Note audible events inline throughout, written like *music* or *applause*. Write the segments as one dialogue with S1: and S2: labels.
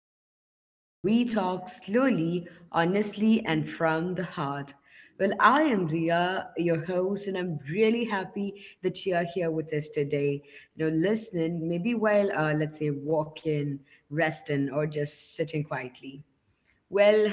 S1: space where we talk slowly, honestly, and from the heart. I am Ria, your host, and I'm really happy that you are here with us today. You know, listening, maybe while let's say, walking, resting, or just sitting quietly. Well,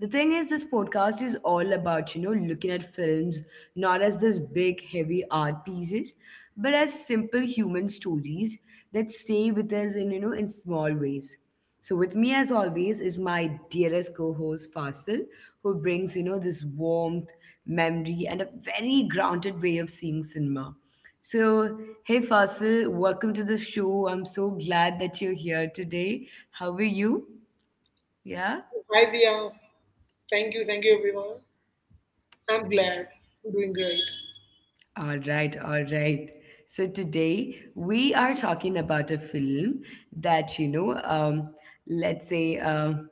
S1: the thing is, this podcast is all about, you know, looking at films not as this big, heavy art pieces, but as simple human stories that stay with us in small ways. So, with me, as always, is my dearest co host, Fasil, who brings, you know, this warmth, memory, and a very grounded way of seeing cinema. So, hey, Fasil, welcome to the show. I'm so glad that you're here today. How are you? Yeah?
S2: Hi, Dia. Thank you, everyone. I'm glad. I'm doing great.
S1: All right, all right. So today we are talking about a film that let's say. Um,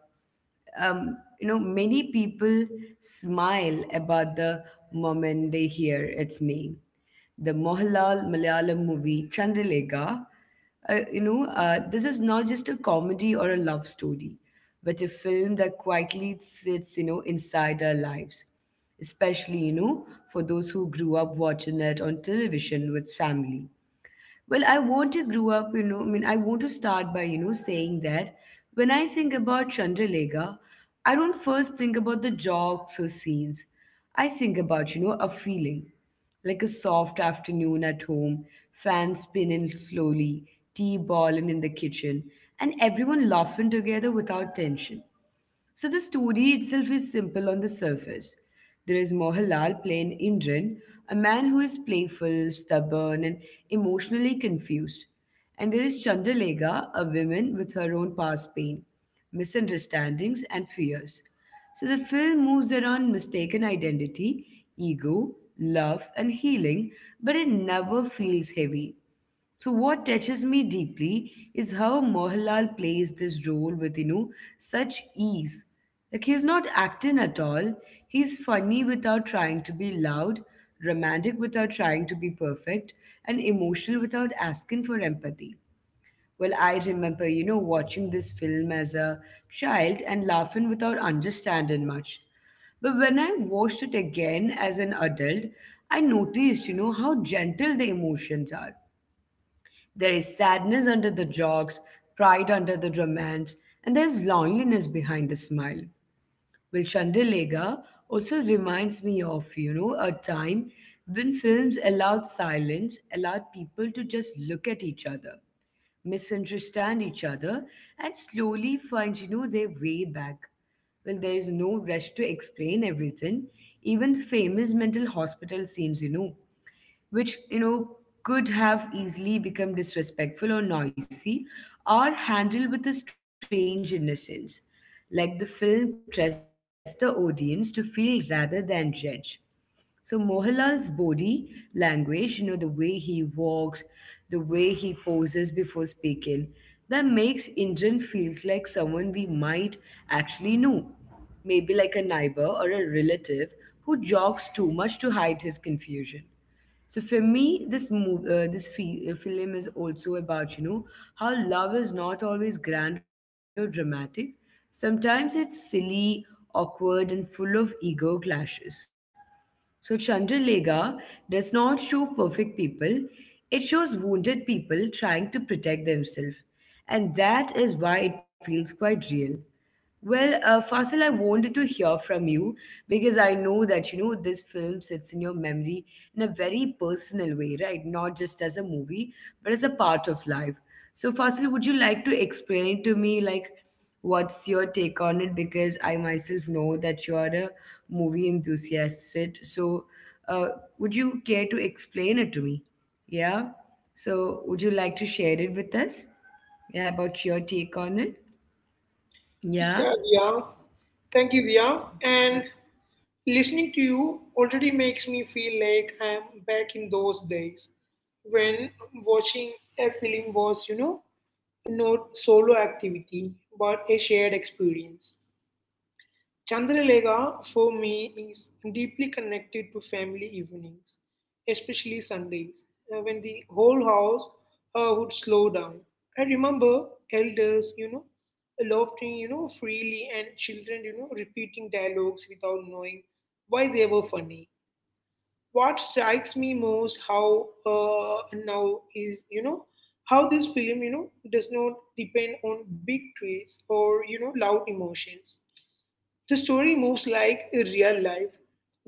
S1: um, You know, many people smile about the moment they hear its name. The Mohalal Malayalam movie Chandralekha, this is not just a comedy or a love story, but a film that quietly sits, you know, inside our lives. Especially, you know, for those who grew up watching it on television with family. I want to grow up, I want to start by, you know, saying that when I think about Chandralega, I don't first think about the jokes or scenes. I think about, you know, a feeling like a soft afternoon at home, fan spinning slowly, tea boiling in the kitchen, and everyone laughing together without tension. So the story itself is simple on the surface. There is Mohanlal playing Indran, a man who is playful, stubborn, and emotionally confused. And there is Chandralega, a woman with her own past pain, misunderstandings, and fears. So the film moves around mistaken identity, ego, love, and healing, but it never feels heavy. So what touches me deeply is how Mohanlal plays this role with you know such ease. Like he's not acting at all. He's funny without trying to be loud, romantic without trying to be perfect, and emotional without asking for empathy. I remember, you know, watching this film as a child and laughing without understanding much. But when I watched it again as an adult, I noticed, you know, how gentle the emotions are. There is sadness under the jokes, pride under the romance, and there is loneliness behind the smile. Chandralega also reminds me of, you know, a time when films allowed silence, allowed people to just look at each other, misunderstand each other, and slowly find, you know, their way back. There is no rush to explain everything, even famous mental hospital scenes, you know which you know could have easily become disrespectful or noisy, or handled with a strange innocence like the film pressed the audience to feel rather than judge. So Mohanlal's body language, you know, the way he walks, the way he poses before speaking, that makes Indran feels like someone we might actually know. Maybe like a neighbor or a relative who jogs too much to hide his confusion. So for me, this move, this fi- film is also about you know how love is not always grand or dramatic. Sometimes it's silly, awkward, and full of ego clashes. So Chandralega does not show perfect people; it shows wounded people trying to protect themselves, and that is why it feels quite real. Fasil, I wanted to hear from you because I know that you know this film sits in your memory in a very personal way, right? Not just as a movie, but as a part of life. So, Fasil, would you like to explain to me like what's your take on it? Because I myself know that you are a movie enthusiast. So, uh, would you care to explain it to me? Yeah. So, would you like to share it with us? Yeah, about your take on it? Yeah.
S2: Yeah, Dia. Thank you, Dia. And listening to you already makes me feel like I'm back in those days when watching a film was, not solo activity but a shared experience. Chandralega for me is deeply connected to family evenings, especially Sundays, when the whole house would slow down. I remember elders, laughing, freely, and children, repeating dialogues without knowing why they were funny. What strikes me most how now is, how this film, does not depend on big twists or, loud emotions. The story moves like a real life,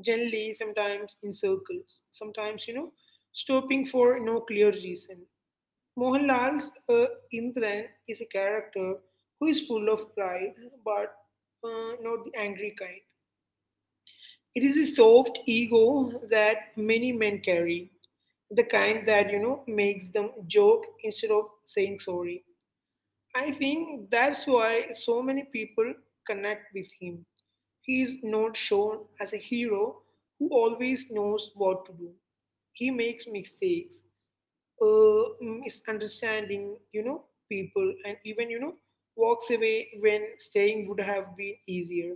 S2: generally, sometimes in circles, sometimes, stopping for no clear reason. Mohanlal's Indran is a character who is full of pride, but not the angry kind. It is a soft ego that many men carry, the kind that, makes them joke instead of saying sorry. I think that's why so many people connect with him. He is not shown as a hero who always knows what to do. He makes mistakes, uh, misunderstanding, people, and even, walks away when staying would have been easier.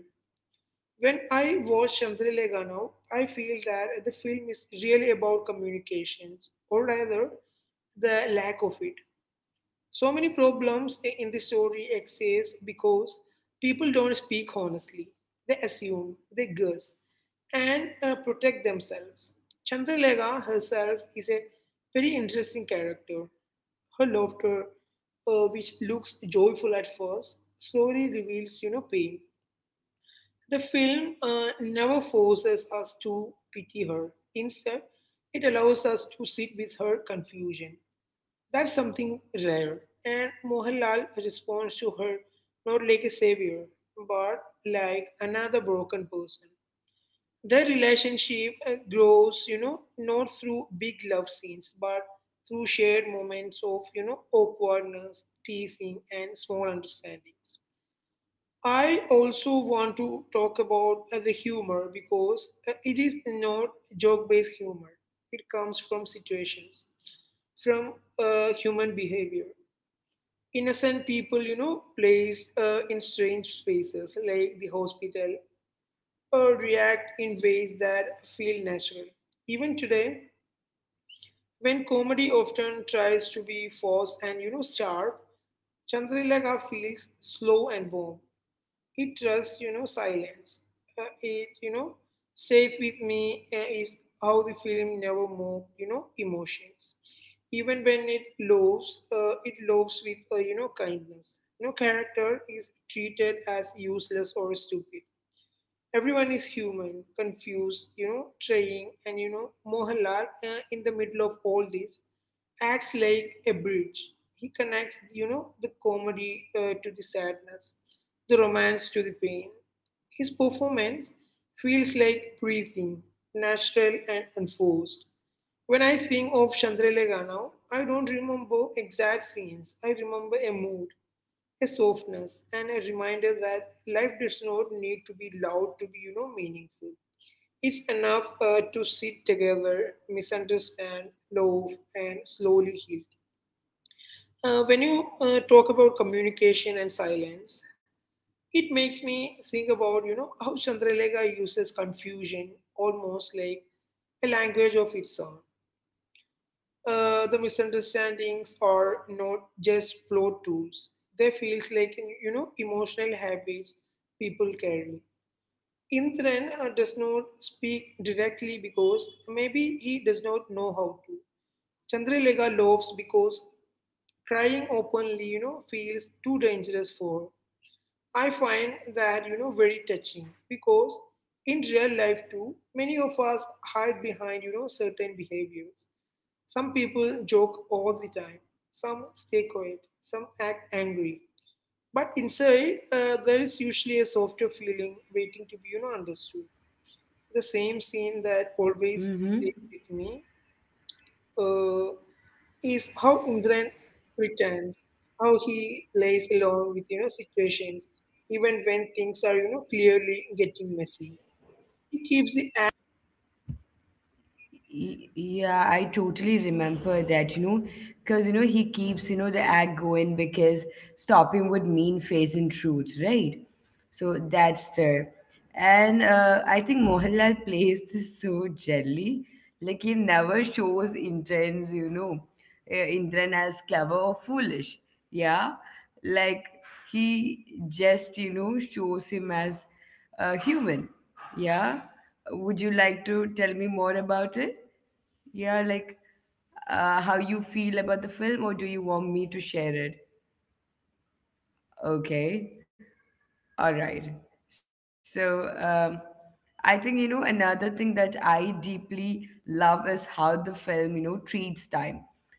S2: When I watch Chandrilega now, I feel that the film is really about communications, or rather, the lack of it. So many problems in the story exist because people don't speak honestly. They assume, they guess, and protect themselves. Chandralega herself is a very interesting character. Her laughter, which looks joyful at first, slowly reveals, pain. The film never forces us to pity her. Instead, it allows us to sit with her confusion. That's something rare, and Mohanlal responds to her not like a savior, but like another broken person. Their relationship grows, not through big love scenes, but through shared moments of, awkwardness, teasing, and small understandings. I also want to talk about the humor, because it is not joke based humor. It comes from situations, from human behavior, innocent people, placed in strange spaces like the hospital, or react in ways that feel natural. Even today, when comedy often tries to be forced and, sharp, Chandrilakha feels slow and warm. It trusts, silence. It, safe with me is how the film never move, emotions. Even when it loves with, kindness. No character is treated as useless or stupid. Everyone is human, confused, trying, and Mohanlal in the middle of all this acts like a bridge. He connects, the comedy to the sadness, the romance to the pain. His performance feels like breathing, natural and unforced. When I think of Chandralega now, I don't remember exact scenes. I remember a mood, a softness, and a reminder that life does not need to be loud to be meaningful. It's enough to sit together, misunderstand, love, and slowly heal. When you talk about communication and silence, it makes me think about how chandralekha uses confusion almost like a language of its own. The misunderstandings are not just flow tools. They feels like emotional habits people carry. Indran does not speak directly because maybe he does not know how to. Chandralega loves because crying openly, feels too dangerous for her. I find that very touching, because in real life too, many of us hide behind certain behaviors. Some people joke all the time, some stay quiet, some act angry. But inside, there is
S1: Yeah.
S2: usually a softer feeling waiting to be understood. The same scene that always stays
S1: Mm-hmm.
S2: with me uh, is how Indran returns, how he plays along with situations, even when things are clearly getting messy. He keeps the.
S1: Yeah, I totally remember that, you know, because, you know, he keeps, you know, the act going because stopping would mean facing truth, right? So that's there. And I think Mohanlal *laughs* plays this so gently. Like he never shows intent as clever or foolish. Yeah. Like he just, you know, shows him as human. Yeah. Would you like to tell me more about it? Yeah, like how you feel about the film, or do you want me to share it? Okay. All right. So, I think, you know, another thing that I deeply love is how the film, you know, treats time.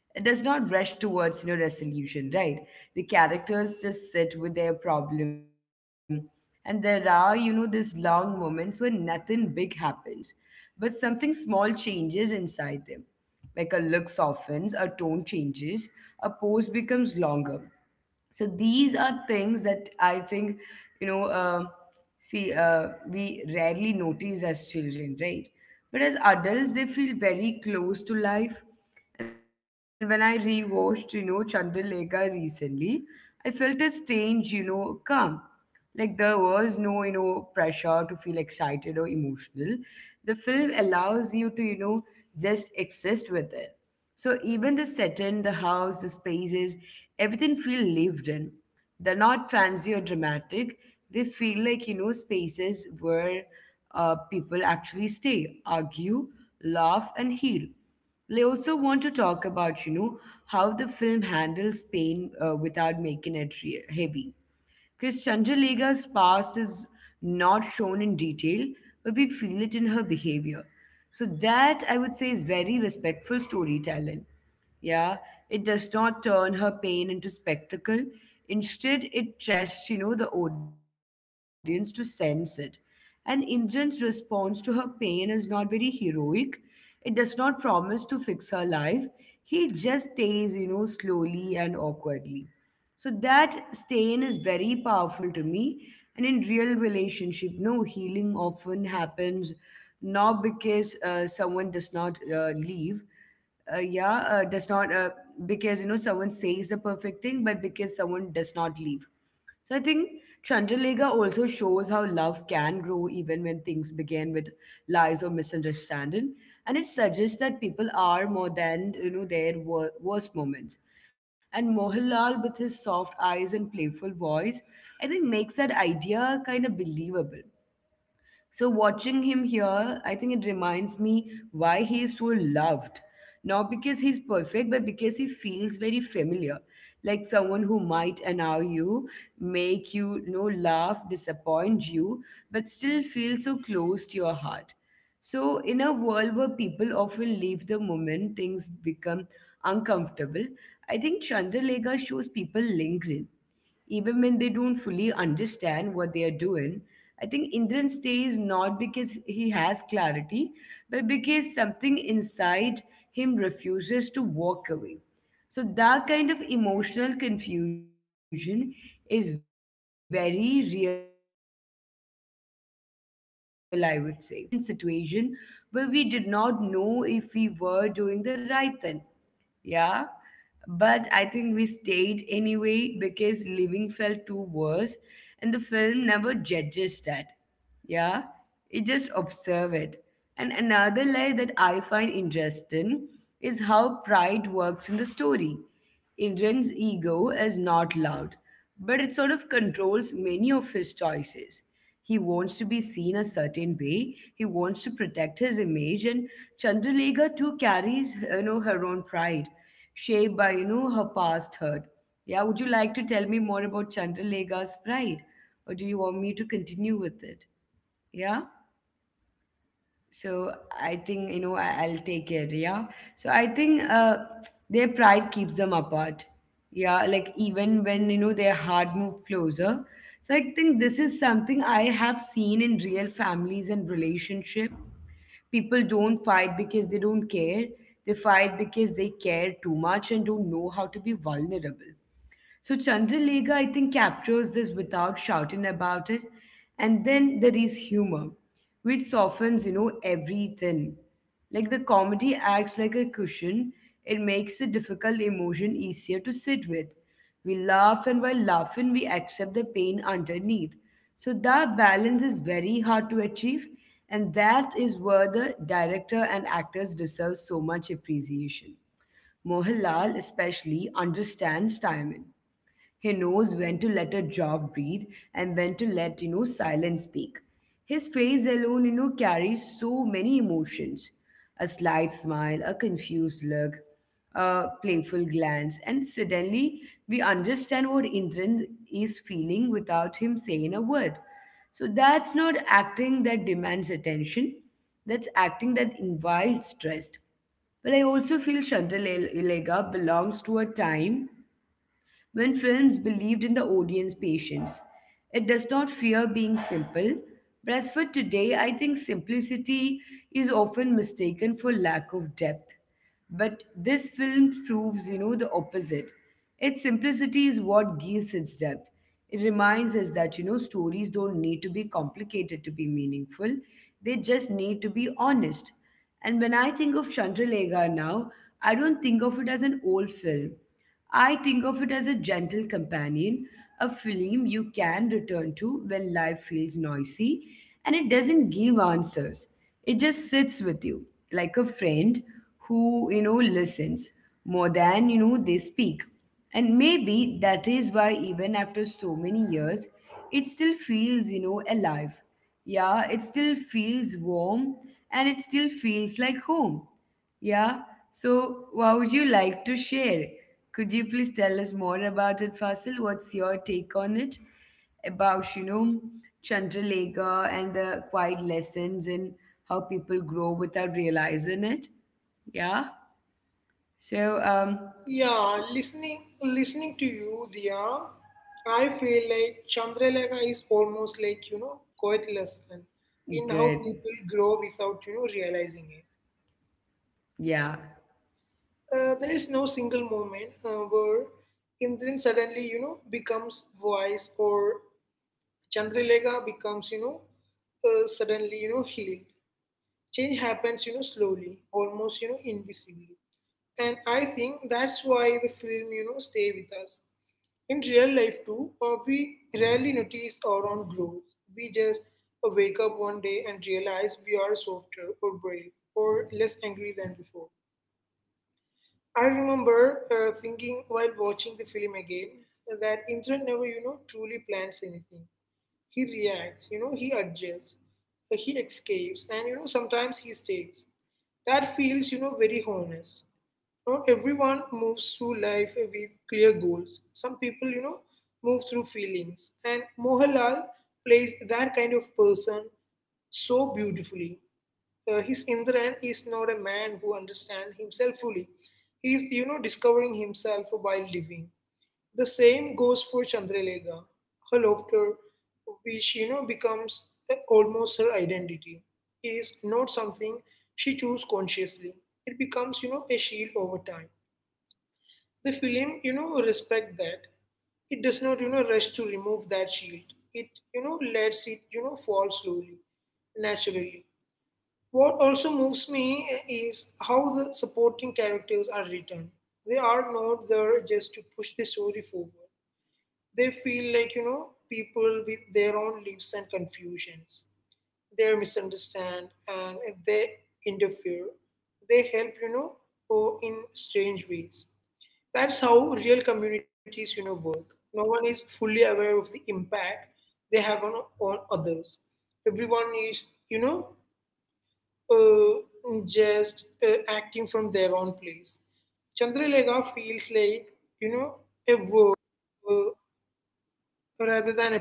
S1: It does not rush towards, you know, resolution, right? The characters just sit with their problem. And there are, you know, these long moments when nothing big happens, but something small changes inside them. Like a look softens, a tone changes, a pose becomes longer. So these are things that I think you know see we rarely notice as children, right? But as adults they feel very close to life. And when I rewatched, you know, Chandralekha recently, I felt a strange, you know, calm. Like there was no, you know, pressure to feel excited or emotional. The film allows you to, you know, just exist with it. So even the setting, the house, the spaces, everything feel lived in. They're not fancy or dramatic. They feel like, you know, spaces where people actually stay, argue, laugh, and heal. I also want to talk about, you know, how the film handles pain without making it heavy. Because Chandralegha's past is not shown in detail, but we feel it in her behavior. So that I would say is very respectful storytelling. Yeah, it does not turn her pain into spectacle. Instead, it trusts, you know, the audience to sense it. And Indran's response to her pain is not very heroic. It does not promise to fix her life. He just stays, you know, slowly and awkwardly. So that stain is very powerful to me. And in real relationship, no healing often happens not because someone does not leave, yeah, does not because you know someone says the perfect thing, but because someone does not leave. So I think Chandralega also shows how love can grow even when things begin with lies or misunderstanding, and it suggests that people are more than you know their worst moments. And Mohanlal, with his soft eyes and playful voice, I think makes that idea kind of believable. So watching him here, I think it reminds me why he is so loved. Not because he's perfect, but because he feels very familiar. Like someone who might annoy you, make you, you know, laugh, disappoint you, but still feel so close to your heart. So in a world where people often leave the moment things become uncomfortable, I think Chandralega shows people lingering even when they don't fully understand what they are doing. I think Indran stays not because he has clarity, but because something inside him refuses to walk away. So that kind of emotional confusion is very real, I would say. And I think many of us have seen or have been in situation where we did not know if we were doing the right thing. Yeah, but I think we stayed anyway because living felt too worse, and the film never judges that. Yeah, it just observes it. And another layer that I find interesting is how pride works in the story. Indran's ego is not loud, but it sort of controls many of his choices. He wants to be seen a certain way. He wants to protect his image, and Chandralega too carries, you know, her own pride, shaped by you know her past hurt. Yeah, would you like to tell me more about Chandralega's pride, or do you want me to continue with it? Yeah. So I think, you know, I'll take it. Yeah. So I think their pride keeps them apart. Yeah. Like even when, you know, their heart move closer. So I think this is something I have seen in real families and relationship. People don't fight because they don't care. They fight because they care too much and don't know how to be vulnerable. So Chandralega, I think, captures this without shouting about it. And then there is humor, which softens, you know, everything. Like the comedy acts like a cushion, it makes the difficult emotion easier to sit with. We laugh, and while laughing, we accept the pain underneath. So that balance is very hard to achieve, and that is where the director and actors deserve so much appreciation. Mohanlal especially understands timing. He knows when to let a job breathe and when to let, you know, silence speak. His face alone, you know, carries so many emotions. A slight smile, a confused look, a playful glance, and suddenly we understand what Indran is feeling without him saying a word. So that's not acting that demands attention. That's acting that invites trust. But I also feel Chandrale- belongs to a time when films believed in the audience patience. It does not fear being simple, but as for today, I think simplicity is often mistaken for lack of depth. But this film proves, you know, the opposite. Its simplicity is what gives its depth. It reminds us that, you know, stories don't need to be complicated to be meaningful, they just need to be honest. And when I think of Chandralega now, I don't think of it as an old film. I think of it as a gentle companion, a film you can return to when life feels noisy, and it doesn't give answers. It just sits with you, like a friend who, you know, listens more than, they speak. And maybe that is why, even after so many years, it still feels, you know, alive. Yeah, it still feels warm and it still feels like home. Yeah. So, what would you like to share? Could you please tell us more about it, Fasil? What's your take on it? About, you know, Chandralekha and the quiet lessons and how people grow without realizing it. Yeah. So, um,
S2: Yeah, listening to you, Dia, I feel like Chandralekha is almost like, quite lesson in how
S1: Good.
S2: people grow without, realizing it.
S1: Yeah.
S2: There is no single moment where Indran suddenly, becomes wise, or Chandralekha becomes, suddenly, healed. Change happens slowly, almost invisibly, and I think that's why the film stay with us. In real life too, we rarely notice our own growth. We just wake up one day and realize we are softer or brave or less angry than before. I remember thinking while watching the film again that indra never truly plans anything. He reacts, he adjusts, he escapes, and sometimes he stays. That feels very honest. Not everyone moves through life with clear goals. Some people move through feelings, and mohalal plays that kind of person so beautifully. His indran is not a man who understands himself fully. He is discovering himself while living. The same goes for Chandralega. Her laughter, which becomes almost her identity, is not something she chose consciously. It becomes a shield over time. The film respect that. It does not rush to remove that shield. It lets it fall slowly, naturally. What also moves me is how the supporting characters are written. They are not there just to push the story forward. They feel like, people with their own lives and confusions. They misunderstand and they interfere. They help, or in strange ways. That's how real communities, work. No one is fully aware of the impact they have on others. Everyone is, you know, just acting from their own place. Chandralega feels like, you know, a world uh, rather than a,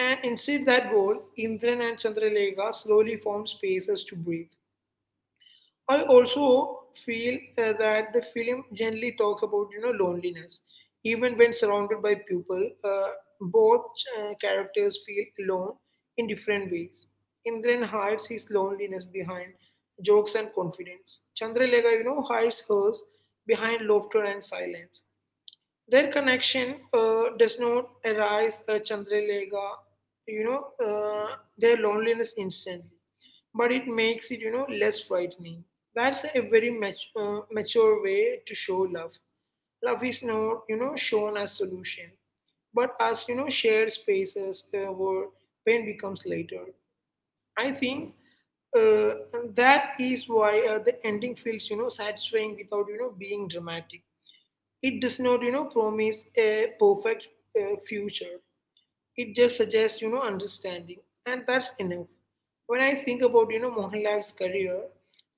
S2: and inside that wall, Indran and Chandralekha slowly found spaces to breathe. I also feel that the film generally talks about loneliness, even when surrounded by people. Both characters feel alone in different ways. Indran hides his loneliness behind jokes and confidence. Chandralekha, hides hers behind laughter and silence. Their connection does not arise a Chandralega, you know, uh, their loneliness instantly, but it makes it, less frightening. That's a very mature way to show love. Love is not, shown as solution, but as, shared spaces where pain becomes later. I think uh, that is why the ending feels, satisfying without, being dramatic. It does not, promise a perfect future. It just suggests, understanding, and that's enough. When I think about, Mohanlal's career,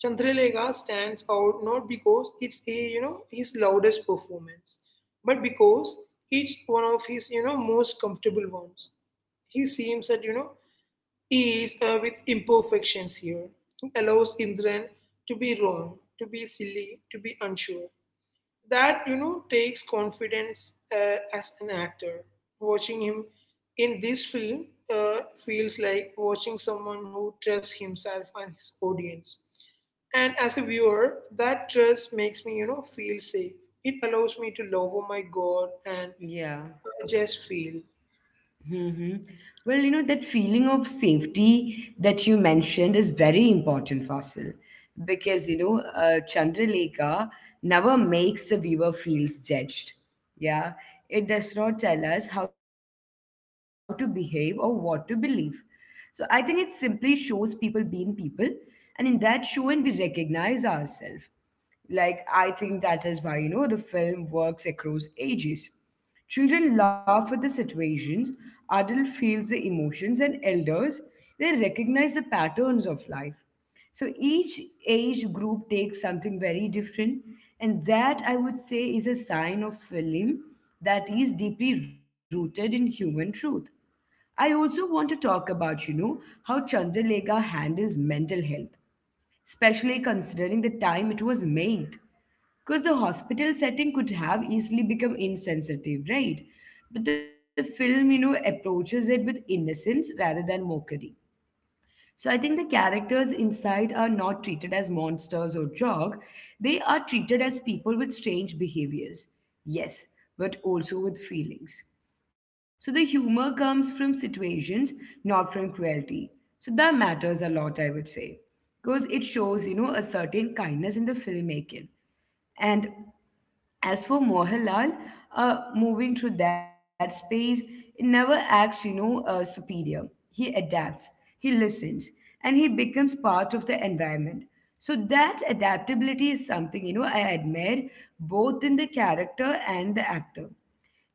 S2: Chandralega stands out not because it's a, his loudest performance, but because it's one of his, most comfortable ones. He seems at, ease with imperfections here. He allows Indran to be wrong, to be silly, to be unsure. That takes confidence as an actor. Watching him in this film feels like watching someone who trusts himself and his audience, and as a viewer that trust makes me feel safe. It allows me to lower my guard and
S1: Yeah.
S2: just feel.
S1: Hmm. Well, you know, that feeling of safety that you mentioned is very important, Fasil, because, Chandralekha never makes the viewer feels judged. Yeah. It does not tell us how to behave or what to believe. So I think it simply shows people being people, and in that showing, we recognize ourselves. Like, I think that is why, you know, the film works across ages. Children laugh at the situations, adult feels the emotions, and elders, they recognize the patterns of life. So each age group takes something very different, and that I would say is a sign of film that is deeply rooted in human truth. I also want to talk about, you know, how Chandralekha handles mental health especially considering the time it was made. Because the hospital setting could have easily become insensitive, right? But the film, you know, approaches it with innocence rather than mockery. So I think the characters inside are not treated as monsters or jog. They are treated as people with strange behaviors. Yes, but also with feelings. So the humor comes from situations, not from cruelty. So that matters a lot, I would say. Because it shows, you know, a certain kindness in the filmmaking. And as for Mohanlal, moving through that space, he never acts, superior. He adapts, he listens, and he becomes part of the environment. So that adaptability is something, you know, I admire both in the character and the actor.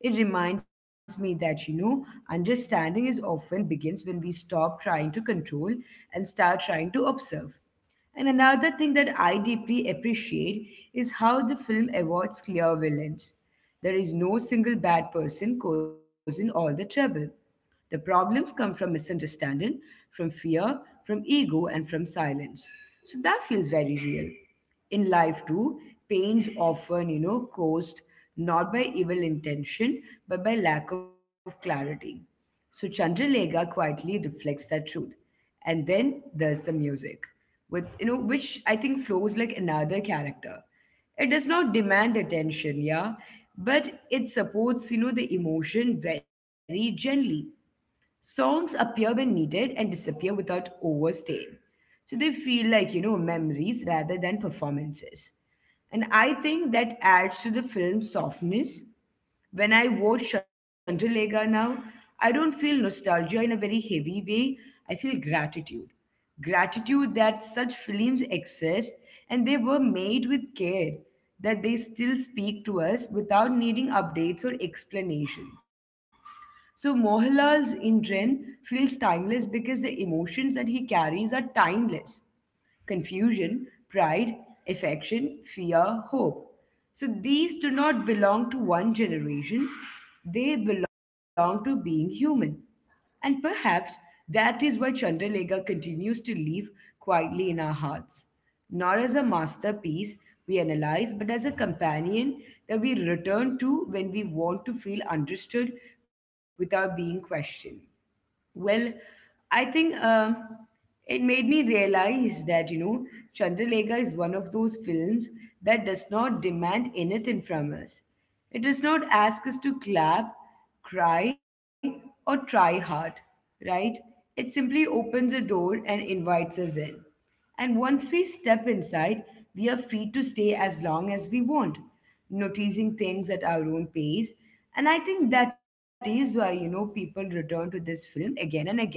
S1: It reminds me that, you know, understanding is often begins when we stop trying to control and start trying to observe. And another thing that I deeply appreciate is how the film avoids clear villains. There is no single bad person causing all the trouble. The problems come from misunderstanding, from fear, from ego, and from silence. So that feels very real in life too, pains often, you know, caused not by evil intention but by lack of clarity. So Chandralega quietly reflects that truth. And then there's the music, with you know, which I think flows like another character. It does not demand attention, yeah, but it supports, you know, the emotion very gently. Songs appear when needed and disappear without overstaying. So they feel like, you know, memories rather than performances. And I think that adds to the film's softness. When I watch Chandralega now, I don't feel nostalgia in a very heavy way. I feel gratitude. Gratitude that such films exist and they were made with care, that they still speak to us without needing updates or explanation. So Mohanlal's Indran feels timeless because the emotions that he carries are timeless confusion, pride, affection, fear, hope. So these do not belong to one generation, they belong to being human. And perhaps that is why Chandralega continues to live quietly in our hearts, not as a masterpiece we analyze, but as a companion that we return to when we want to feel understood without being questioned. Well, I think it made me realize that, you know, Chandralekha is one of those films that does not demand anything from us. It does not ask us to clap, cry, or try hard, right? It simply opens a door and invites us in. And once we step inside, we are free to stay as long as we want, noticing things at our own pace. And I think that is why, you know, people return to this film again and again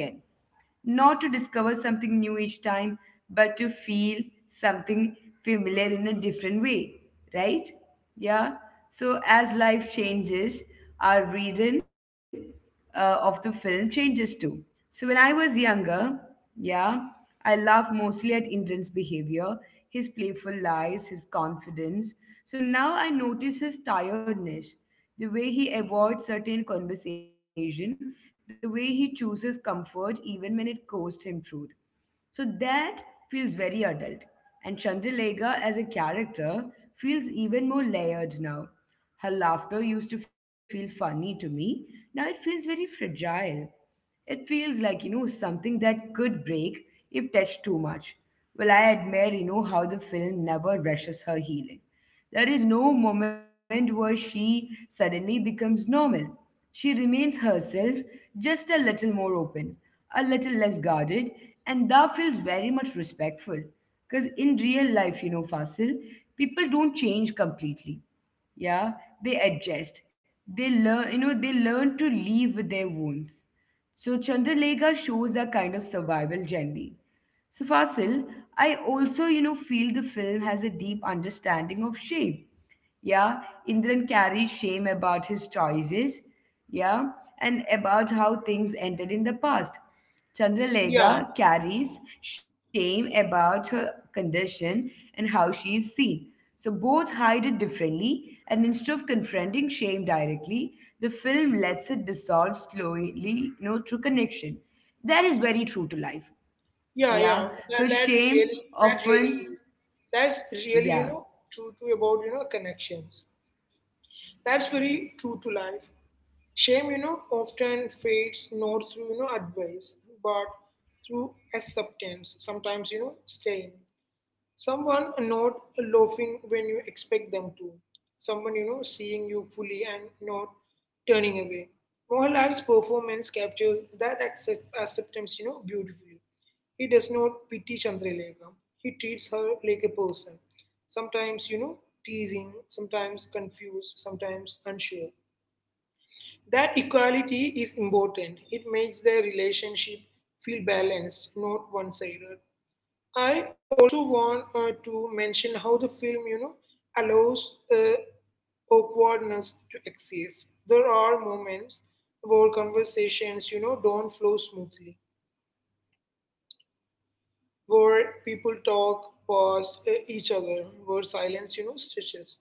S1: not to discover something new each time, but to feel something familiar in a different way, right? Yeah. So as life changes, our reading of the film changes too. So when I was younger, yeah, I laughed mostly at Indran's behavior, his playful lies, his confidence. So now I notice his tiredness the way he avoids certain conversation, the way he chooses comfort even when it costs him truth. So that feels very adult. And Chandralega as a character feels even more layered now. Her laughter used to feel funny to me. Now it feels very fragile. It feels like, you know, something that could break if touched too much. Well, I admire, you know, how the film never rushes her healing. There is no moment where she suddenly becomes normal. She remains herself, just a little more open, a little less guarded, and that feels very much respectful. Because in real life, you know, Fasil, people don't change completely. Yeah, they adjust. They learn, you know, they learn to live with their wounds. So Chandralekha shows that kind of survival gently. So, Fasil, I also, you know, feel the film has a deep understanding of shame. Yeah, Indran carries shame about his choices. Yeah, and about how things ended in the past.
S2: Yeah,
S1: Chandralega carries shame about her condition and how she is seen. So both hide it differently, and instead of confronting shame directly, the film lets it dissolve slowly, you know, through connection. That is very true to life.
S2: yeah, yeah.
S1: Yeah,
S2: that
S1: because
S2: that really
S1: shame often,
S2: is. That's really
S1: yeah,
S2: true to about connections. That's very true to life. Shame, often fades not through, advice, but through acceptance, sometimes, staying. Someone not laughing when you expect them to, someone seeing you fully and not turning away. Mohanlal's performance captures that acceptance beautifully. He does not pity chandralekha. He treats her like a person, sometimes teasing, sometimes confused, sometimes unsure. That equality is important. It makes their relationship feel balanced, not one-sided. I also want to mention how the film, allows awkwardness to exist. There are moments where conversations, don't flow smoothly, where people talk past each other, where silence, stretches.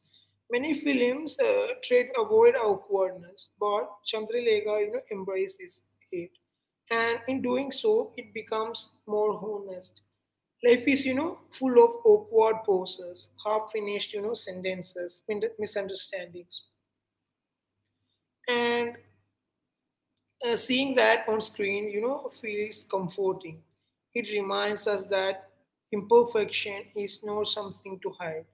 S2: Many films try to avoid awkwardness, but Chandralekha, embraces it. And in doing so, it becomes more honest. Life is, full of awkward pauses, half finished, sentences, misunderstandings. And seeing that on screen, feels comforting. It reminds us that imperfection is not something to hide.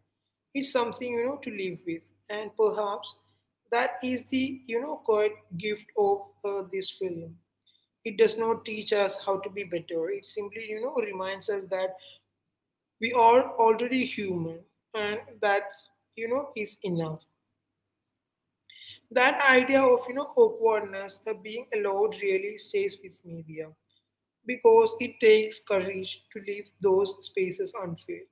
S2: It's something, to live with. And perhaps that is the, quiet gift of this film. It does not teach us how to be better. It simply, reminds us that we are already human, and that's, is enough. That idea of awkwardness, being allowed really stays with me there, because it takes courage to leave those spaces unfilled.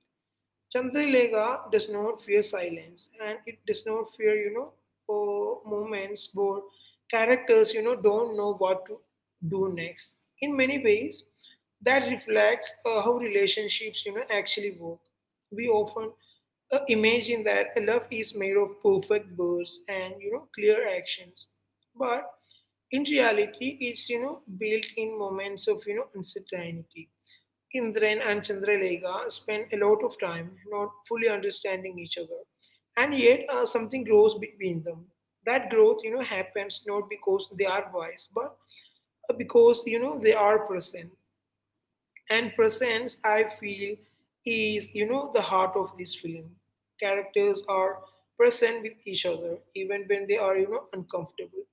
S2: Chandralega does not fear silence, and it does not fear, moments where characters, don't know what to do next. In many ways, that reflects how relationships, actually work. We often imagine that a love is made of perfect words and, clear actions. But in reality, it's, built in moments of, uncertainty. Indran and Chandralekha spend a lot of time not fully understanding each other, and yet something grows between them. That growth, happens not because they are wise, but because they are present. And presence, I feel, is the heart of this film. Characters are present with each other, even when they are uncomfortable,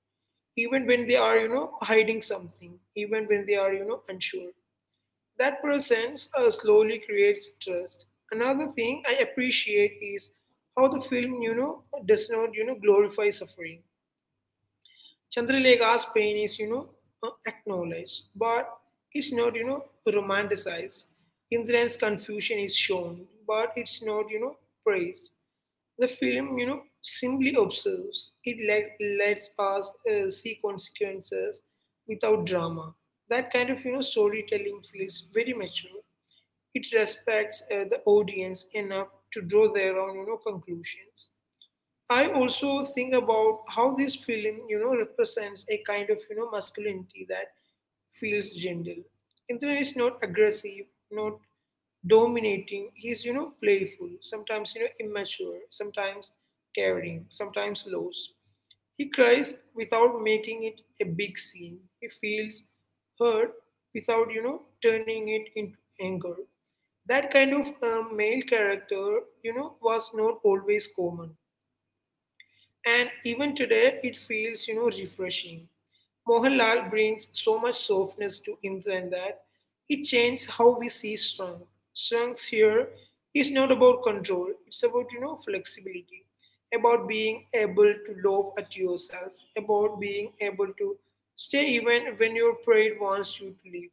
S2: even when they are hiding something, even when they are unsure. That presence slowly creates trust. Another thing I appreciate is how the film, does not, glorify suffering. Chandralekha's pain is, acknowledged, but it's not, romanticized. Indra's confusion is shown, but it's not, praised. The film, simply observes. Lets us see consequences without drama. That kind of, storytelling feels very mature. It respects the audience enough to draw their own conclusions. I also think about how this film represents a kind of masculinity that feels gentle. Indra is not aggressive, not dominating. He's playful sometimes, immature sometimes, caring sometimes, lost. He cries without making it a big scene. He feels hurt without, turning it into anger. That kind of male character, was not always common. And even today, it feels, refreshing. Mohanlal brings so much softness to Indran that it changes how we see strength. Strength here is not about control; it's about, flexibility, about being able to love at yourself, about being able to stay even when your pride wants you to leave.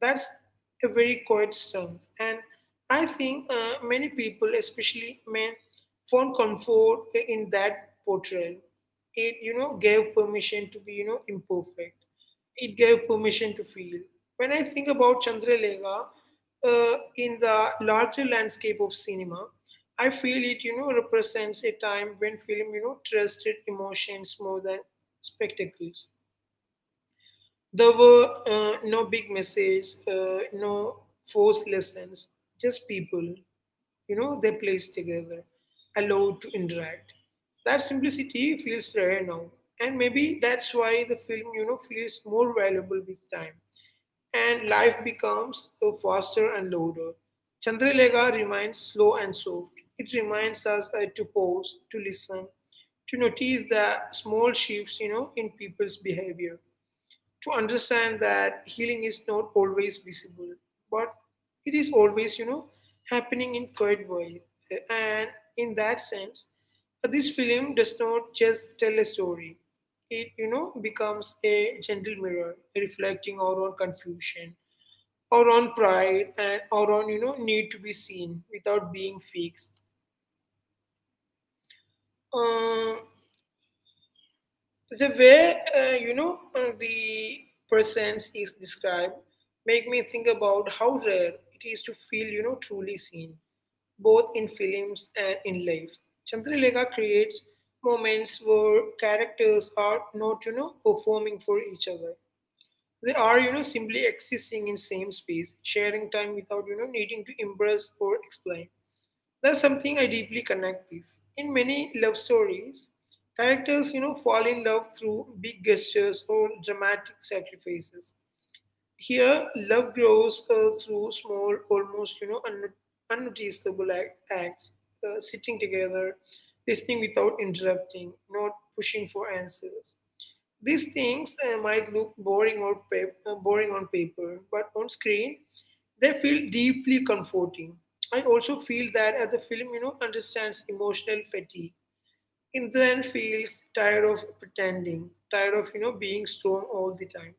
S2: That's a very quiet strength. And I think many people, especially men, found comfort in that portrayal. It, gave permission to be, imperfect. It gave permission to feel. When I think about Chandralekha in the larger landscape of cinema, I feel it, represents a time when film, trusted emotions more than spectacles. There were no big message, no forced lessons, just people. They plays together, allowed to interact. That simplicity feels rare now, and maybe that's why the film, feels more valuable with time, and life becomes faster and louder. Chandralega remains slow and soft. It reminds us to pause, to listen, to notice the small shifts, in people's behavior, to understand that healing is not always visible, but it is always, happening in quiet ways. And in that sense, this film does not just tell a story. It, becomes a gentle mirror, reflecting our own confusion, our own pride, and our own, need to be seen without being fixed. Uh, the way the presence is described make me think about how rare it is to feel truly seen, both in films and in life. Chandralekha creates moments where characters are not performing for each other. They are simply existing in same space, sharing time without needing to impress or explain. That's something I deeply connect with. In many love stories, characters, fall in love through big gestures or dramatic sacrifices. Here, love grows through small, almost, unnoticeable acts, sitting together, listening without interrupting, not pushing for answers. These things might look boring or boring on paper, but on screen, they feel deeply comforting. I also feel that the film, understands emotional fatigue. Indran feels tired of pretending, tired of being strong all the time.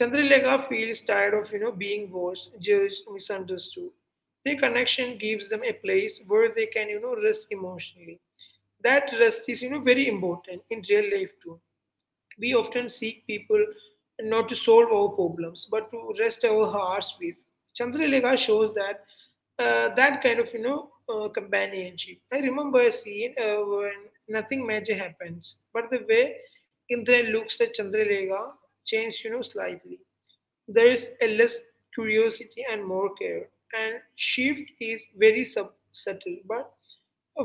S2: Chandralekha feels tired of being watched, judged, misunderstood. Their connection gives them a place where they can rest emotionally. That rest is very important in real life too. We often seek people not to solve our problems, but to rest our hearts with. Chandralekha shows that kind of companionship. I remember a scene when nothing major happens, but the way Indra looks at Chandralekha changed slightly. There is a less curiosity and more care, and shift is very subtle, but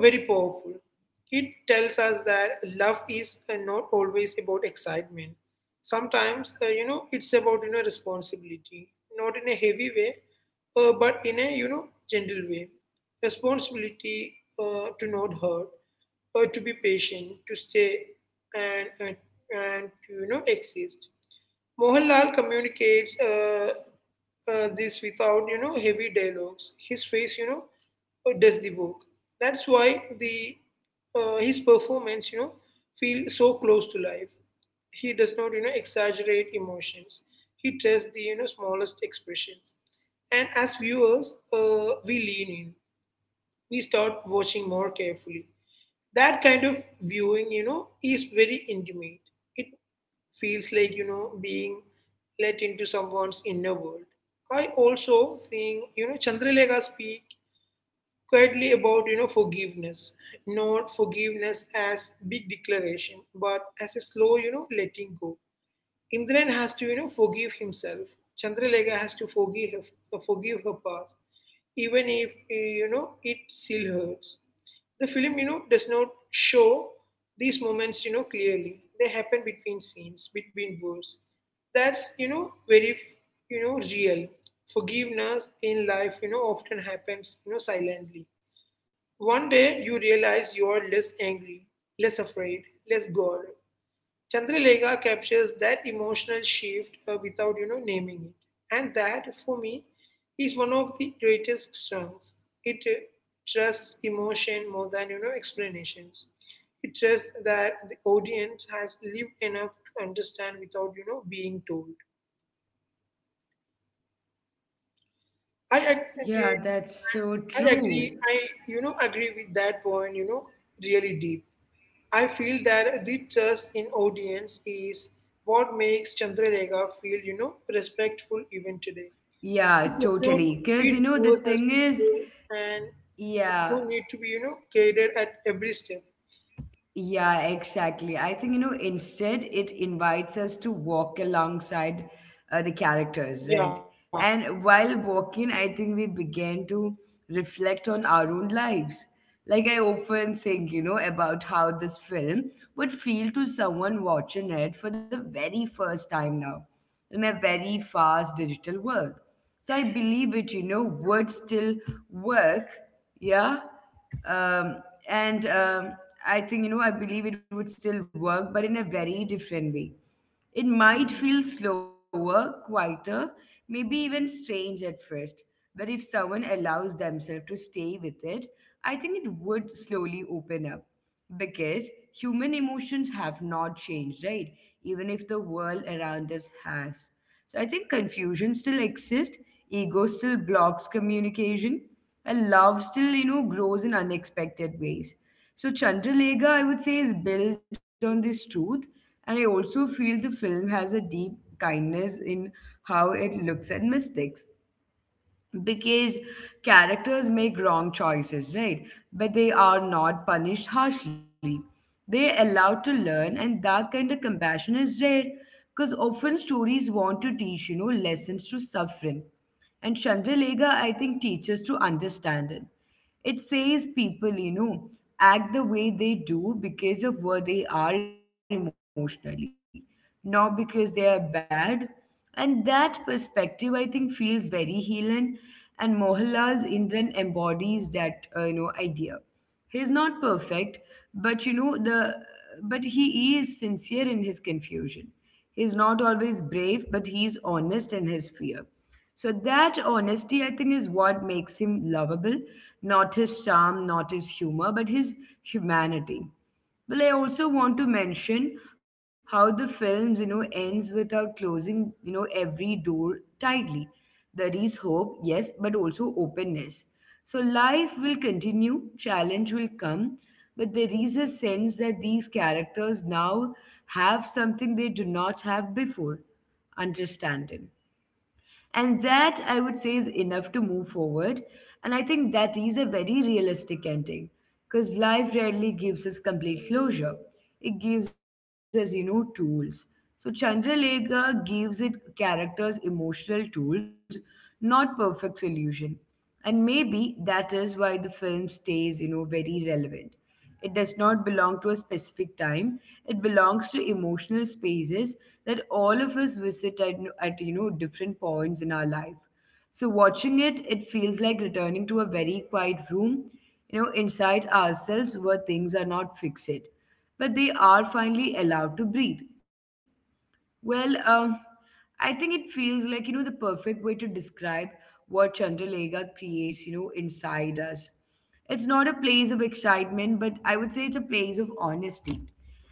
S2: very powerful. It tells us that love is not always about excitement. Sometimes, it's about responsibility, not in a heavy way, but in a gentle way. Responsibility to not hurt, to be patient, to stay, and and, and to exist. Mohanlal communicates this without, heavy dialogues. His face, does the work. That's why the his performance, feels so close to life. He does not, exaggerate emotions. He trusts the, smallest expressions. And as viewers, we lean in. We start watching more carefully. That kind of viewing, is very intimate. It feels like being let into someone's inner world. I also think Chandralekha speak quietly about forgiveness, not forgiveness as big declaration, but as a slow letting go. Indran has to, forgive himself. Chandralega has to forgive her past, even if it still hurts. The film, does not show these moments, clearly. They happen between scenes, between words. That's very, real. Forgiveness in life, often happens, silently. One day you realize you are less angry, less afraid, less guarded. Chandralekha captures that emotional shift without naming it, and that for me is one of the greatest strengths. It trusts emotion more than explanations. It trusts that the audience has lived enough to understand without being told. I agree.
S1: yeah, that's so
S2: I agree.
S1: true.
S2: I agree with that point. Really deep. I feel that the trust in audience is what makes Chandralekha feel, respectful even today. It
S1: Yeah,
S2: does not
S1: totally.
S2: treat
S1: Because you know,
S2: viewers
S1: the
S2: as
S1: thing
S2: people
S1: is,
S2: and who need
S1: yeah,
S2: to be, guided at every step.
S1: yeah, exactly. I think, you know, instead it invites us to walk alongside the characters, right?
S2: Yeah.
S1: And while walking, I think we begin to reflect on our own lives. Like, I often think, you know, about how this film would feel to someone watching it for the very first time now in a very fast digital world. So I believe it, you know, would still work. Yeah um, and I think you know I believe it would still work, but in a very different way. It might feel slower, quieter, maybe even strange at first, but if someone allows themselves to stay with it, I think it would slowly open up because human emotions have not changed, right? Even if the world around us has. So I think confusion still exists, ego still blocks communication, and love still you know grows in unexpected ways so Chandralega I would say is built on this truth and I also feel the film has a deep kindness in how it looks at mistakes because characters make wrong choices, right? But they are not punished harshly. They're allowed to learn, and that kind of compassion is rare because often stories want to teach, you know, lessons to suffering. And Chandralega, I think, teaches to understand it. It says people, you know, act the way they do because of where they are emotionally, not because they are bad. And that perspective, I think, feels very healing. And Mohanlal's Indran embodies that, you know, idea. He's not perfect, but you know the but he is sincere in his confusion. He's not always brave, but he's honest in his fear. So that honesty, I think, is what makes him lovable. Not his charm, not his humor, but his humanity. Well, I also want to mention how the films, you know, ends without closing, you know, every door tightly. There is hope, yes, but also openness. So life will continue, challenge will come, but there is a sense that these characters now have something they do not have before, understanding. And that I would say is enough to move forward. And I think that is a very realistic ending because life rarely gives us complete closure. It gives us, you know, tools. So Chandralega gives it characters emotional tools, not perfect solution. And maybe that is why the film stays, you know, very relevant. It does not belong to a specific time. It belongs to emotional spaces that all of us visit at different points in our life. So watching it, it feels like returning to a very quiet room, inside ourselves where things are not fixed, but they are finally allowed to breathe. Well, um, I think it feels like, the perfect way to describe what Chandralega creates, inside us. It's not a place of excitement, but I would say it's a place of honesty.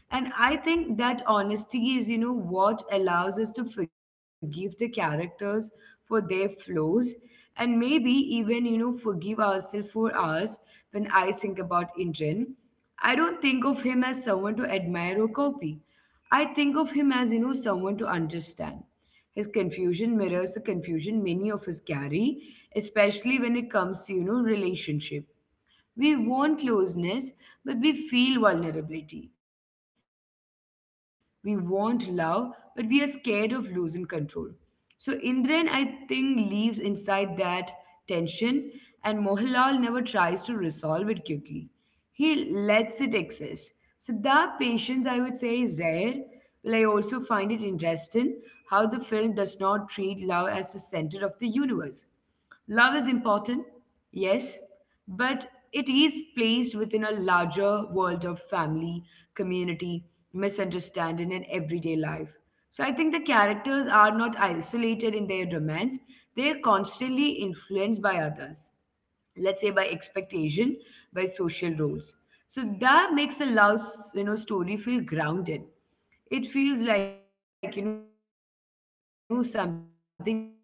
S1: And I think that honesty is, what allows us to forgive the characters for their flaws and maybe even, forgive ourselves for ours when I think about Indran. I don't think of him as someone to admire or copy. I think of him as, someone to understand. His confusion mirrors the confusion many of us carry, especially when it comes to, relationship. We want closeness, but we feel vulnerability. We want love, but we are scared of losing control. So Indran, I think, lives inside that tension, and Mohanlal never tries to resolve it quickly. He lets it exist. So that patience, I would say, is rare. But I also find it interesting how the film does not treat love as the center of the universe. Love is important, yes, but it is placed within a larger world of family, community, misunderstanding, and everyday life. So I think the characters are not isolated in their romance, they are constantly influenced by others, let's say by expectation, by social roles. So that makes a love story feel grounded. It feels like something that could happen in real life,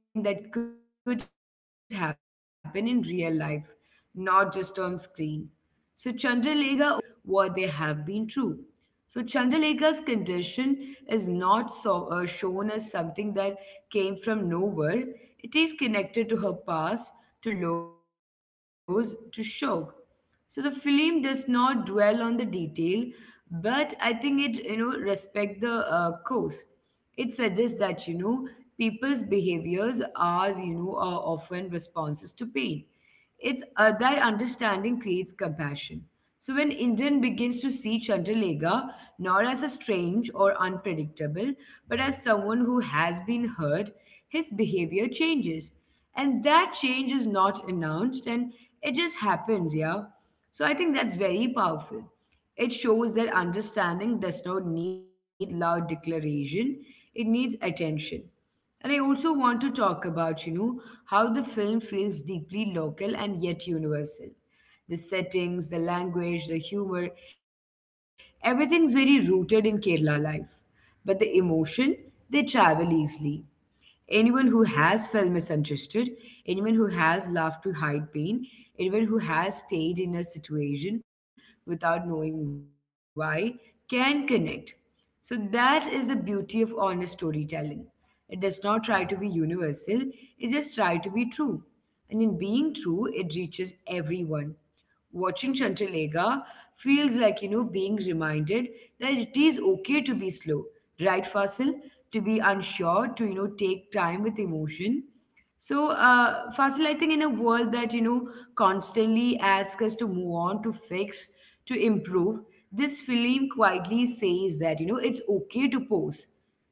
S1: not just on screen. So Chandralega also quietly talks about how people are shaped by what they have been through. So Chandralekha's condition is not shown as something that came from nowhere. It is connected to her past, to loss, to shock. So the film does not dwell on the detail, but I think it respect the cause. It suggests that, people's behaviors are often responses to pain. It's That understanding creates compassion. So when Indian begins to see Chandralega not as a strange or unpredictable, but as someone who has been hurt, his behavior changes. And that change is not announced, and it just happens, yeah. So I think that's very powerful. It shows that understanding does not need loud declaration, it needs attention. And I also want to talk about, how the film feels deeply local and yet universal. The settings, the language, the humor, everything's very rooted in Kerala life. But the emotion, they travel easily. Anyone who has felt misunderstood, anyone who has laughed to hide pain, anyone who has stayed in a situation without knowing why can connect. So that is the beauty of honest storytelling. It does not try to be universal, it just try to be true. And in being true, it reaches everyone. Watching Chandralega feels like, being reminded that it is okay to be slow, right, Fasil? To be unsure, to, take time with emotion. So, Fasil, I think in a world that, constantly asks us to move on, to fix, to improve, this film quietly says that, it's okay to pose,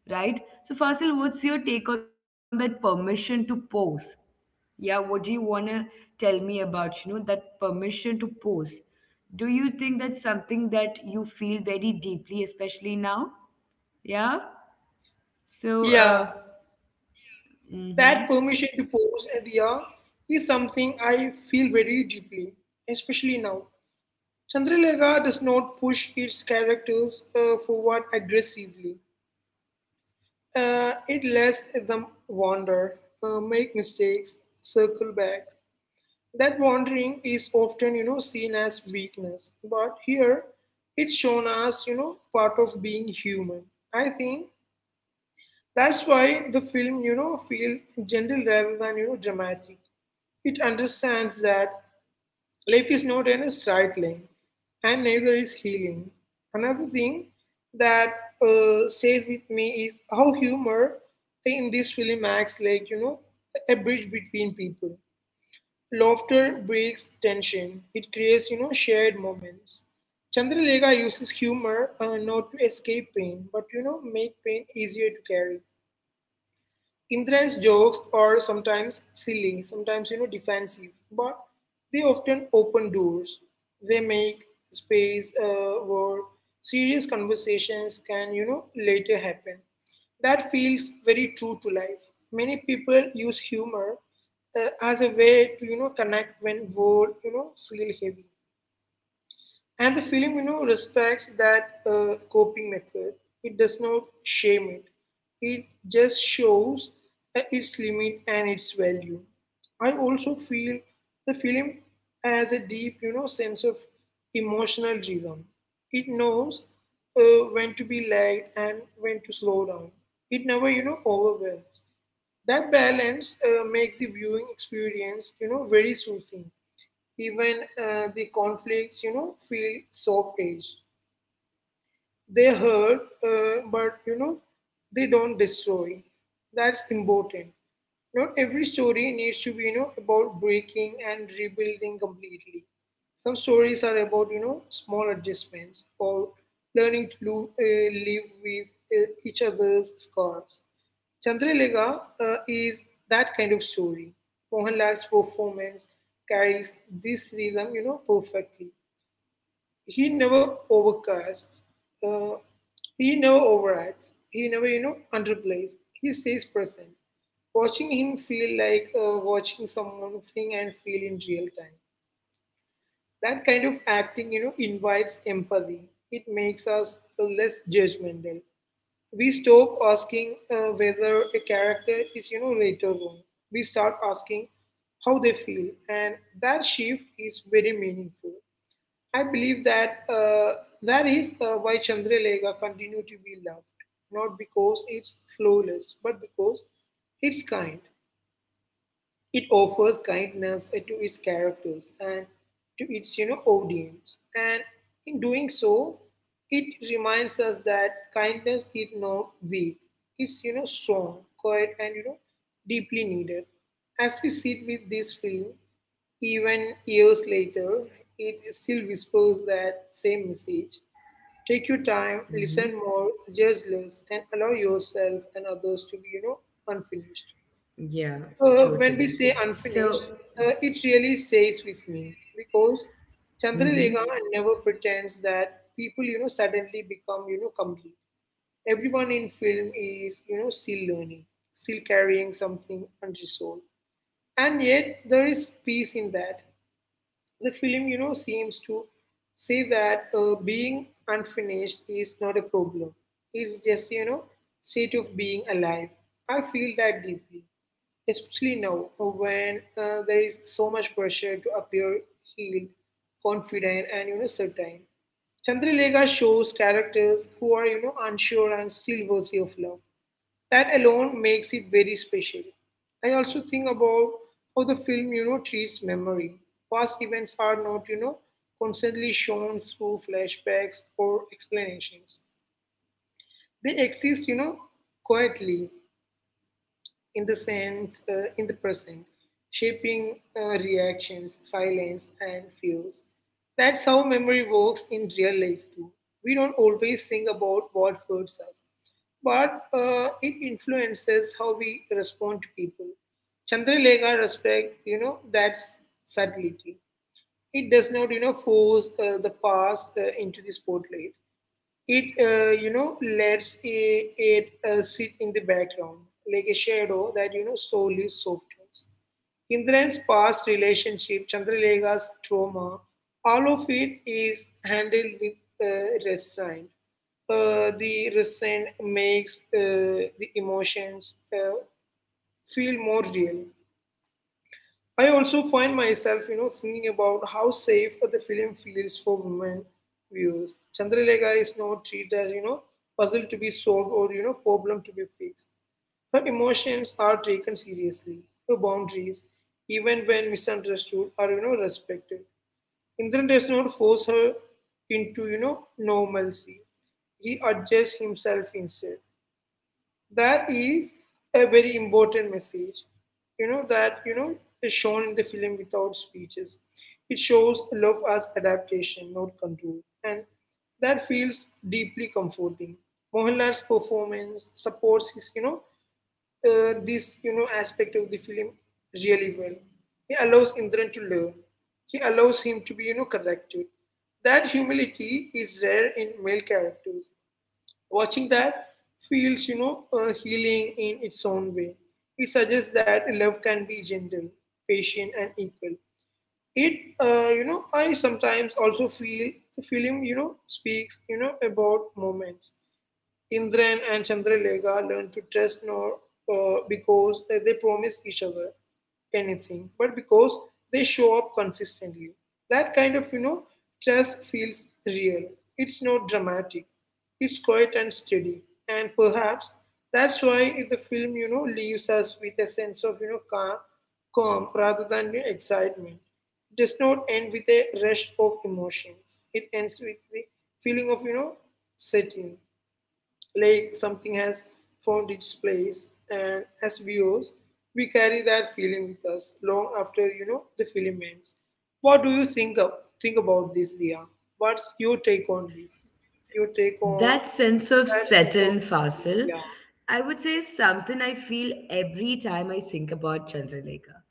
S1: right? So, Fasil, what's your take on that permission to pose? Yeah, what do you want to tell me about, that permission to pose? Do you think that's something that you feel very deeply, especially now? Yeah. So,
S2: Yeah. That
S1: mm-hmm.
S2: permission to pose at the hour is something I feel very deeply, especially now. Chandralekha does not push its characters forward aggressively. It lets them wander, make mistakes, circle back. That wandering is often, seen as weakness, but here it's shown as, part of being human. I think that's why the film, feels gentle rather than, dramatic. It understands that life is not in a straight line, and neither is healing. Another thing that stays with me is how humor in this film acts like, a bridge between people. Laughter breaks tension, it creates, shared moments. Chandralega uses humor not to escape pain, but, make pain easier to carry. Indra's jokes are sometimes silly, sometimes defensive, but they often open doors. They make space where serious conversations can later happen. That feels very true to life. Many people use humor as a way to connect when world feel heavy. And the film, respects that coping method. It does not shame it. It just shows its limit and its value. I also feel the film has a deep, sense of emotional rhythm. It knows when to be light and when to slow down. It never, overwhelms. That balance makes the viewing experience, very soothing. Even the conflicts, feel soft edged. They hurt, but they don't destroy. That's important. Not every story needs to be, about breaking and rebuilding completely. Some stories are about, small adjustments or learning to live with each other's scars. Chandralega is that kind of story. Mohanlal's performance carries this rhythm, perfectly. He never overcasts, uh, he never overacts, he never, underplays. He stays present. Watching him feel like watching someone think and feel in real time. That kind of acting, invites empathy. It makes us less judgmental. We stop asking whether a character is, right or wrong. We start asking how they feel, and that shift is very meaningful. I believe that that is why Chandralekha continue to be loved, not because it's flawless, but because it's kind. It offers kindness to its characters and to its audience, and in doing so, it reminds us that kindness is not weak; it's strong, quiet, and deeply needed. As we sit with this film, even years later, it still whispers that same message. Take your time, listen more, judge less, and allow yourself and others to be, unfinished.
S1: Yeah,
S2: When we
S1: totally.
S2: say unfinished,
S1: So,
S2: it really stays with me because Chandralekha
S1: mhm.
S2: never pretends that people, suddenly become, complete. Everyone in film is, still learning, still carrying something unresolved. And yet there is peace in that. The film, seems to say that being unfinished is not a problem. It's just, state of being alive. I feel that deeply, especially now when there is so much pressure to appear healed, confident, and, certain. Chandralekha shows characters who are, unsure and still worthy of love. That alone makes it very special. I also think about how the film, treats memory. Past events are not, constantly shown through flashbacks or explanations. They exist, quietly in the sense, in the present, shaping reactions, silence, and fears. That's how memory works in real life too. We don't always think about what hurts us, but it influences how we respond to people. Chandralekha respect, that's subtlety. It does not, force the past into the spotlight. It lets it sit in the background like a shadow that slowly softens. Indran's past relationship, Chandralegha's trauma, all of it is handled with uh, restraint. The restraint makes the emotions feel more real. I also find myself, thinking about how safe the film feels for women viewers. Chandralekha is not treated as, puzzle to be solved or, problem to be fixed. Her emotions are taken seriously. Her boundaries, even when misunderstood, are, respected. Indran does not force her into, normalcy. He adjusts himself instead. That is a very important message, that is shown in the film without speeches. It shows love as adaptation, not control. And that feels deeply comforting. Mohanlal's performance supports his, this aspect of the film really well. He allows Indran to learn. He allows him to be, corrected. That humility is rare in male characters. Watching that feels, healing in its own way. It suggests that love can be gentle, patient, and equal. It, I sometimes also feel the film, speaks, about moments. Indran and Chandralekha learn to trust not because they promise each other anything, but because they show up consistently. That kind of, trust feels real. It's not dramatic. It's quiet and steady. And perhaps that's why the film, leaves us with a sense of, calm rather than excitement. It does not end with a rush of emotions. It ends with the feeling of, setting, like something has found its place, and as viewers we carry that feeling with us long after the film ends. What do you think of think about this dia what's your take on this, your take on
S1: That sense of
S2: that sense of
S1: Saturn
S2: feeling?
S1: facile,
S2: yeah
S1: I would say, is something I feel every time I think about Chandralekha.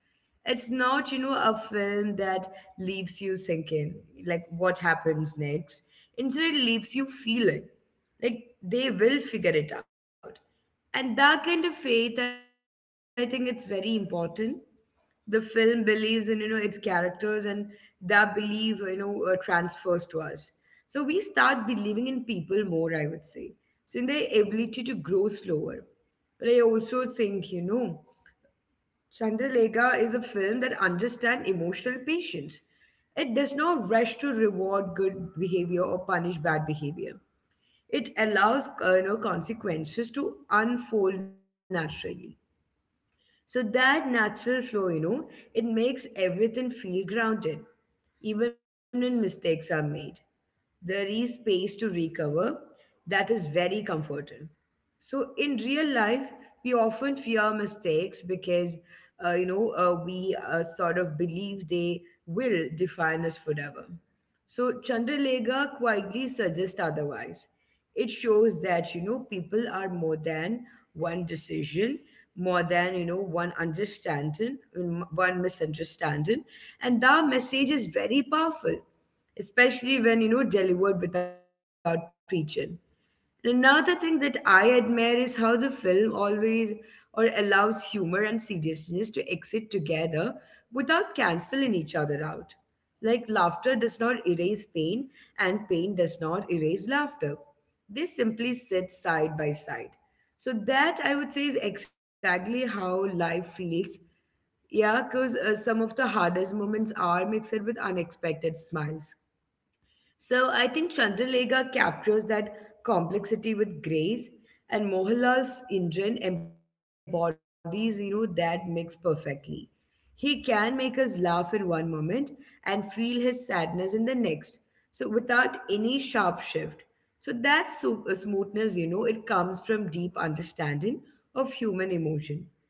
S1: It's not, a film that leaves you thinking, like, what happens next. Instead, it leaves you feeling like they will figure it out. And that kind of faith, I think it's very important. The film believes in its characters, and that belief transfers to us, so we start believing in people more, I would say. So in their ability to grow slower. But I also think Chandralega is a film that understands emotional patience. It does not rush to reward good behavior or punish bad behavior. It allows consequences to unfold naturally. So that natural flow, it makes everything feel grounded, even when mistakes are made. There is space to recover. That is very comforting. So in real life, we often fear mistakes because, we sort of believe they will define us forever. So Chandralega quietly suggests otherwise. It shows that, people are more than one decision, more than, one understanding, one misunderstanding. And that message is very powerful, especially when, delivered without preaching. Another thing that I admire is how the film always or allows humor and seriousness to exist together without canceling each other out. Like laughter does not erase pain and pain does not erase laughter. They simply sit side by side. So that I would say is exactly how life feels. Yeah, because some of the hardest moments are mixed with unexpected smiles. So I think Chandralega captures that complexity with grace, and Mohanlal's Indran embodies, that mix perfectly. He can make us laugh in one moment and feel his sadness in the next, so without any sharp shift. So that smoothness, it comes from deep understanding of human emotion.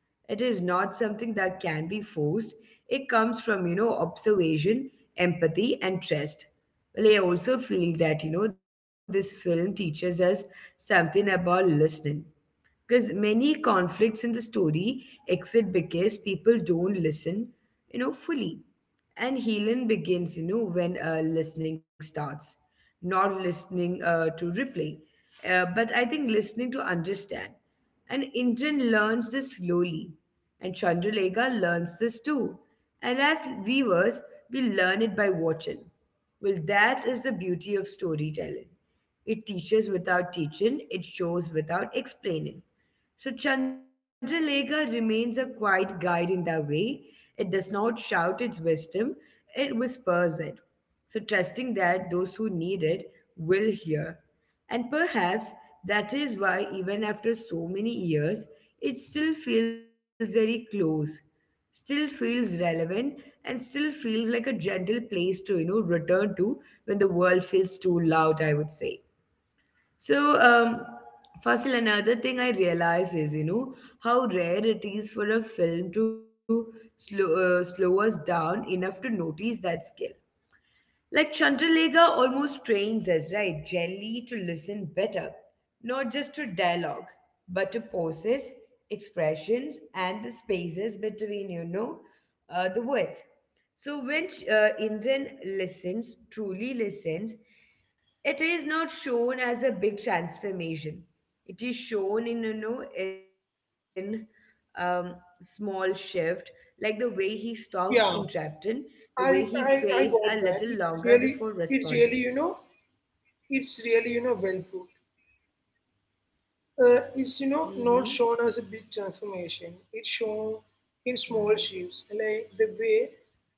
S1: It is not something that can be forced. It comes from, observation, empathy, and trust. Well, I also feel that, this film teaches us something about listening. Because many conflicts in the story exit because people don't listen, fully. And healing begins, when listening starts, not listening to replay, but I think listening to understand. And Indran learns this slowly, and Chandralega learns this too. And as viewers, we learn it by watching. Well, that is the beauty of storytelling. It teaches without teaching, it shows without explaining. So Chandralega remains a quiet guide in that way. It does not shout its wisdom, it whispers it. So trusting that those who need it will hear. And perhaps that is why even after so many years, it still feels very close, still feels relevant, and still feels like a gentle place to, return to when the world feels too loud, I would say. So, Fasil, another thing I realize is, how rare it is for a film to slow us down enough to notice that skill. Like Chandralega almost trains us, right, gently to listen better, not just to dialogue, but to poses, expressions, and the spaces between, the words. So when Indian listens, truly listens, it is not shown as a big transformation. It is shown in small shift, like the way he stops
S2: yeah
S1: interrupting, the way he
S2: i
S1: fades
S2: i
S1: a
S2: i
S1: little
S2: got
S1: longer
S2: that. It
S1: before
S2: really
S1: responding.
S2: it really you know it's really you know well put. Uh, is not
S1: Mm-hmm.
S2: shown as a big transformation. It's shown in small
S1: Yeah.
S2: shifts, like the way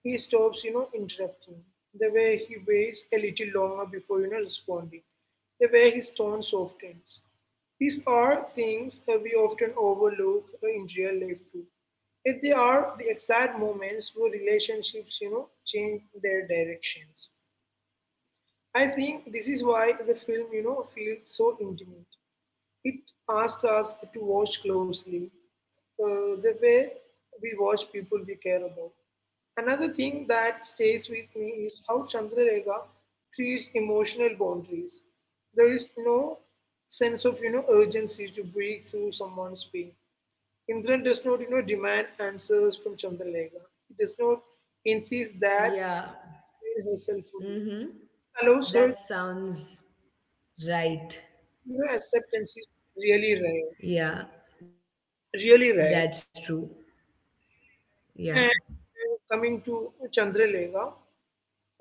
S2: he stops, interrupting, the way he waits a little longer before responding, the way his tone softens. These are things that we often overlook in real life too. Yet they are the exact moments where relationships, change their directions. I think this is why the film, feels so intimate. It asks us to watch closely, the way we watch people we care about. Another thing that stays with me is how Chandrarega treats emotional boundaries. There is no sense of urgency to break through someone's pain. Indran does not demand answers from Chandrarega. He does not insist that
S1: Yeah.
S2: she explain herself fully.
S1: mm-hmm.
S2: Allows her to
S1: That sounds right.
S2: acceptance is really rare,
S1: Yeah, that's
S2: really
S1: true.
S2: rare.
S1: Yeah.
S2: And coming to Chandralega,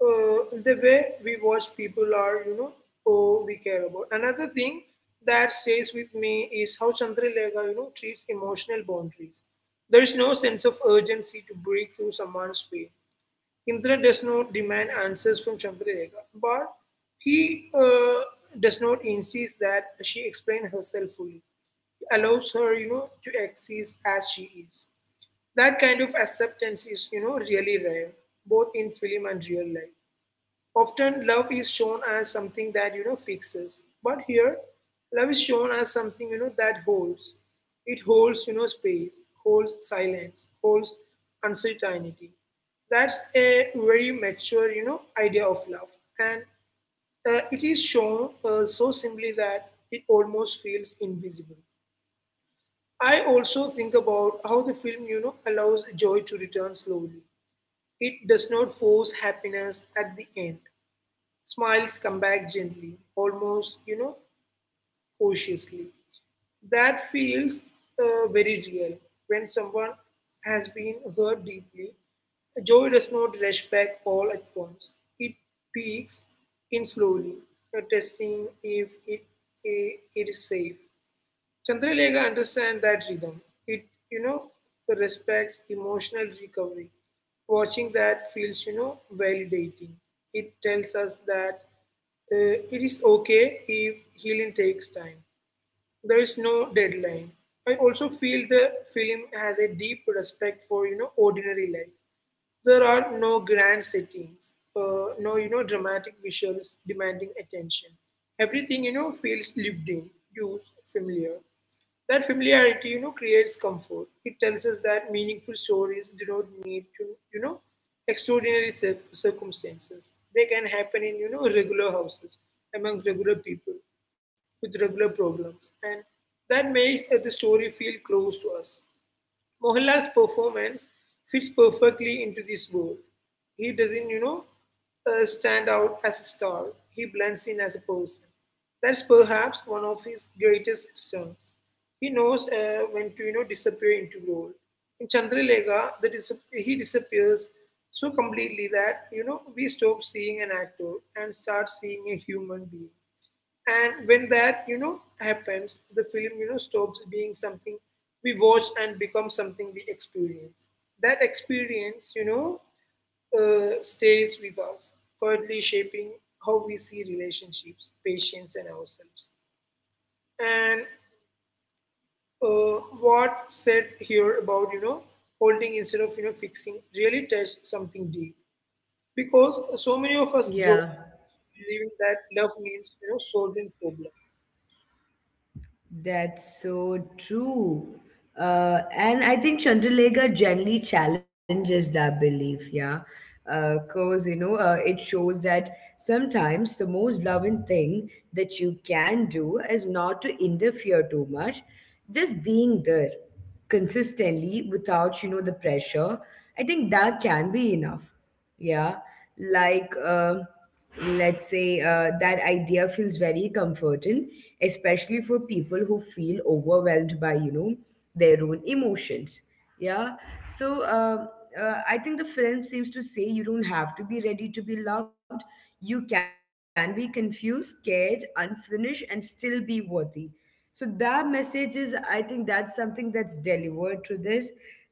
S2: uh, the way we watch people are, who we care about. Another thing that stays with me is how Chandralega, treats emotional boundaries. There is no sense of urgency to break through someone's pain. Indra does not demand answers from Chandralega, but he does not insist that she explain herself fully. He allows her, to exist as she is. That kind of acceptance is, really rare, both in film and real life. Often, love is shown as something that, fixes. But here, love is shown as something, that holds. It holds, space, holds silence, holds uncertainty. That's a very mature, idea of love. And it is shown so simply that it almost feels invisible. I also think about how the film, allows joy to return slowly. It does not force happiness at the end. Smiles come back gently, almost, cautiously. That feels very real. When someone has been hurt deeply, joy does not rush back all at once. It peaks in slowly, testing if it is safe. Chandralekha understands that rhythm. It, you know, respects emotional recovery. Watching that feels, validating. It tells us that it is okay if healing takes time. There is no deadline. I also feel the film has a deep respect for, ordinary life. There are no grand settings, no dramatic visuals demanding attention. Everything feels lived in, used, familiar. That familiarity, creates comfort. It tells us that meaningful stories do not need to, you know, extraordinary circumstances. They can happen in, regular houses, among regular people, with regular problems. And that makes the story feel close to us. Mohanlal's performance fits perfectly into this role. He doesn't, stand out as a star. He blends in as a person. That's perhaps one of his greatest strengths. He knows when to, disappear into role. In Chandralega, he disappears so completely that, we stop seeing an actor and start seeing a human being. And when that, happens, the film, stops being something we watch and becomes something we experience. That experience, stays with us, quietly shaping how we see relationships, patience, and ourselves. And what said here about holding instead of fixing really touched something deep, because so many of us grow up
S1: Yeah.
S2: believing that love means solving problems.
S1: That's so true. And I think Chandralega generally challenges that belief, yeah. Because, it shows that sometimes the most loving thing that you can do is not to interfere too much, just being there consistently without, the pressure. I think that can be enough. Yeah, like let's say that idea feels very comforting, especially for people who feel overwhelmed by their own emotions. Yeah, so I think the film seems to say you don't have to be ready to be loved. You can be confused, scared, unfinished, and still be worthy. So that message is, I think that's something that's delivered through this.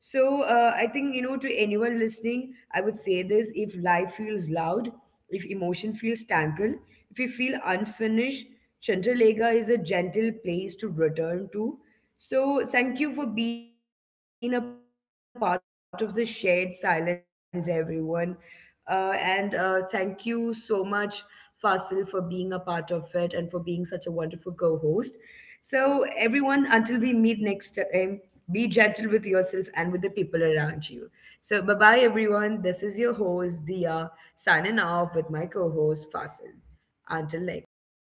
S1: So I think to anyone listening I would say this: if life feels loud, if emotion feels tangled, if you feel unfinished, Chandralega is a gentle place to return to. So thank you for being a part of the shared silence, everyone. And Thank you so much, Fasil, for being a part of it and for being such a wonderful co-host. So, everyone, until we meet next time, be gentle with yourself and with the people around you. So, bye bye, everyone. This is your host, Dia, signing off with my co host, Fasil. Until next time.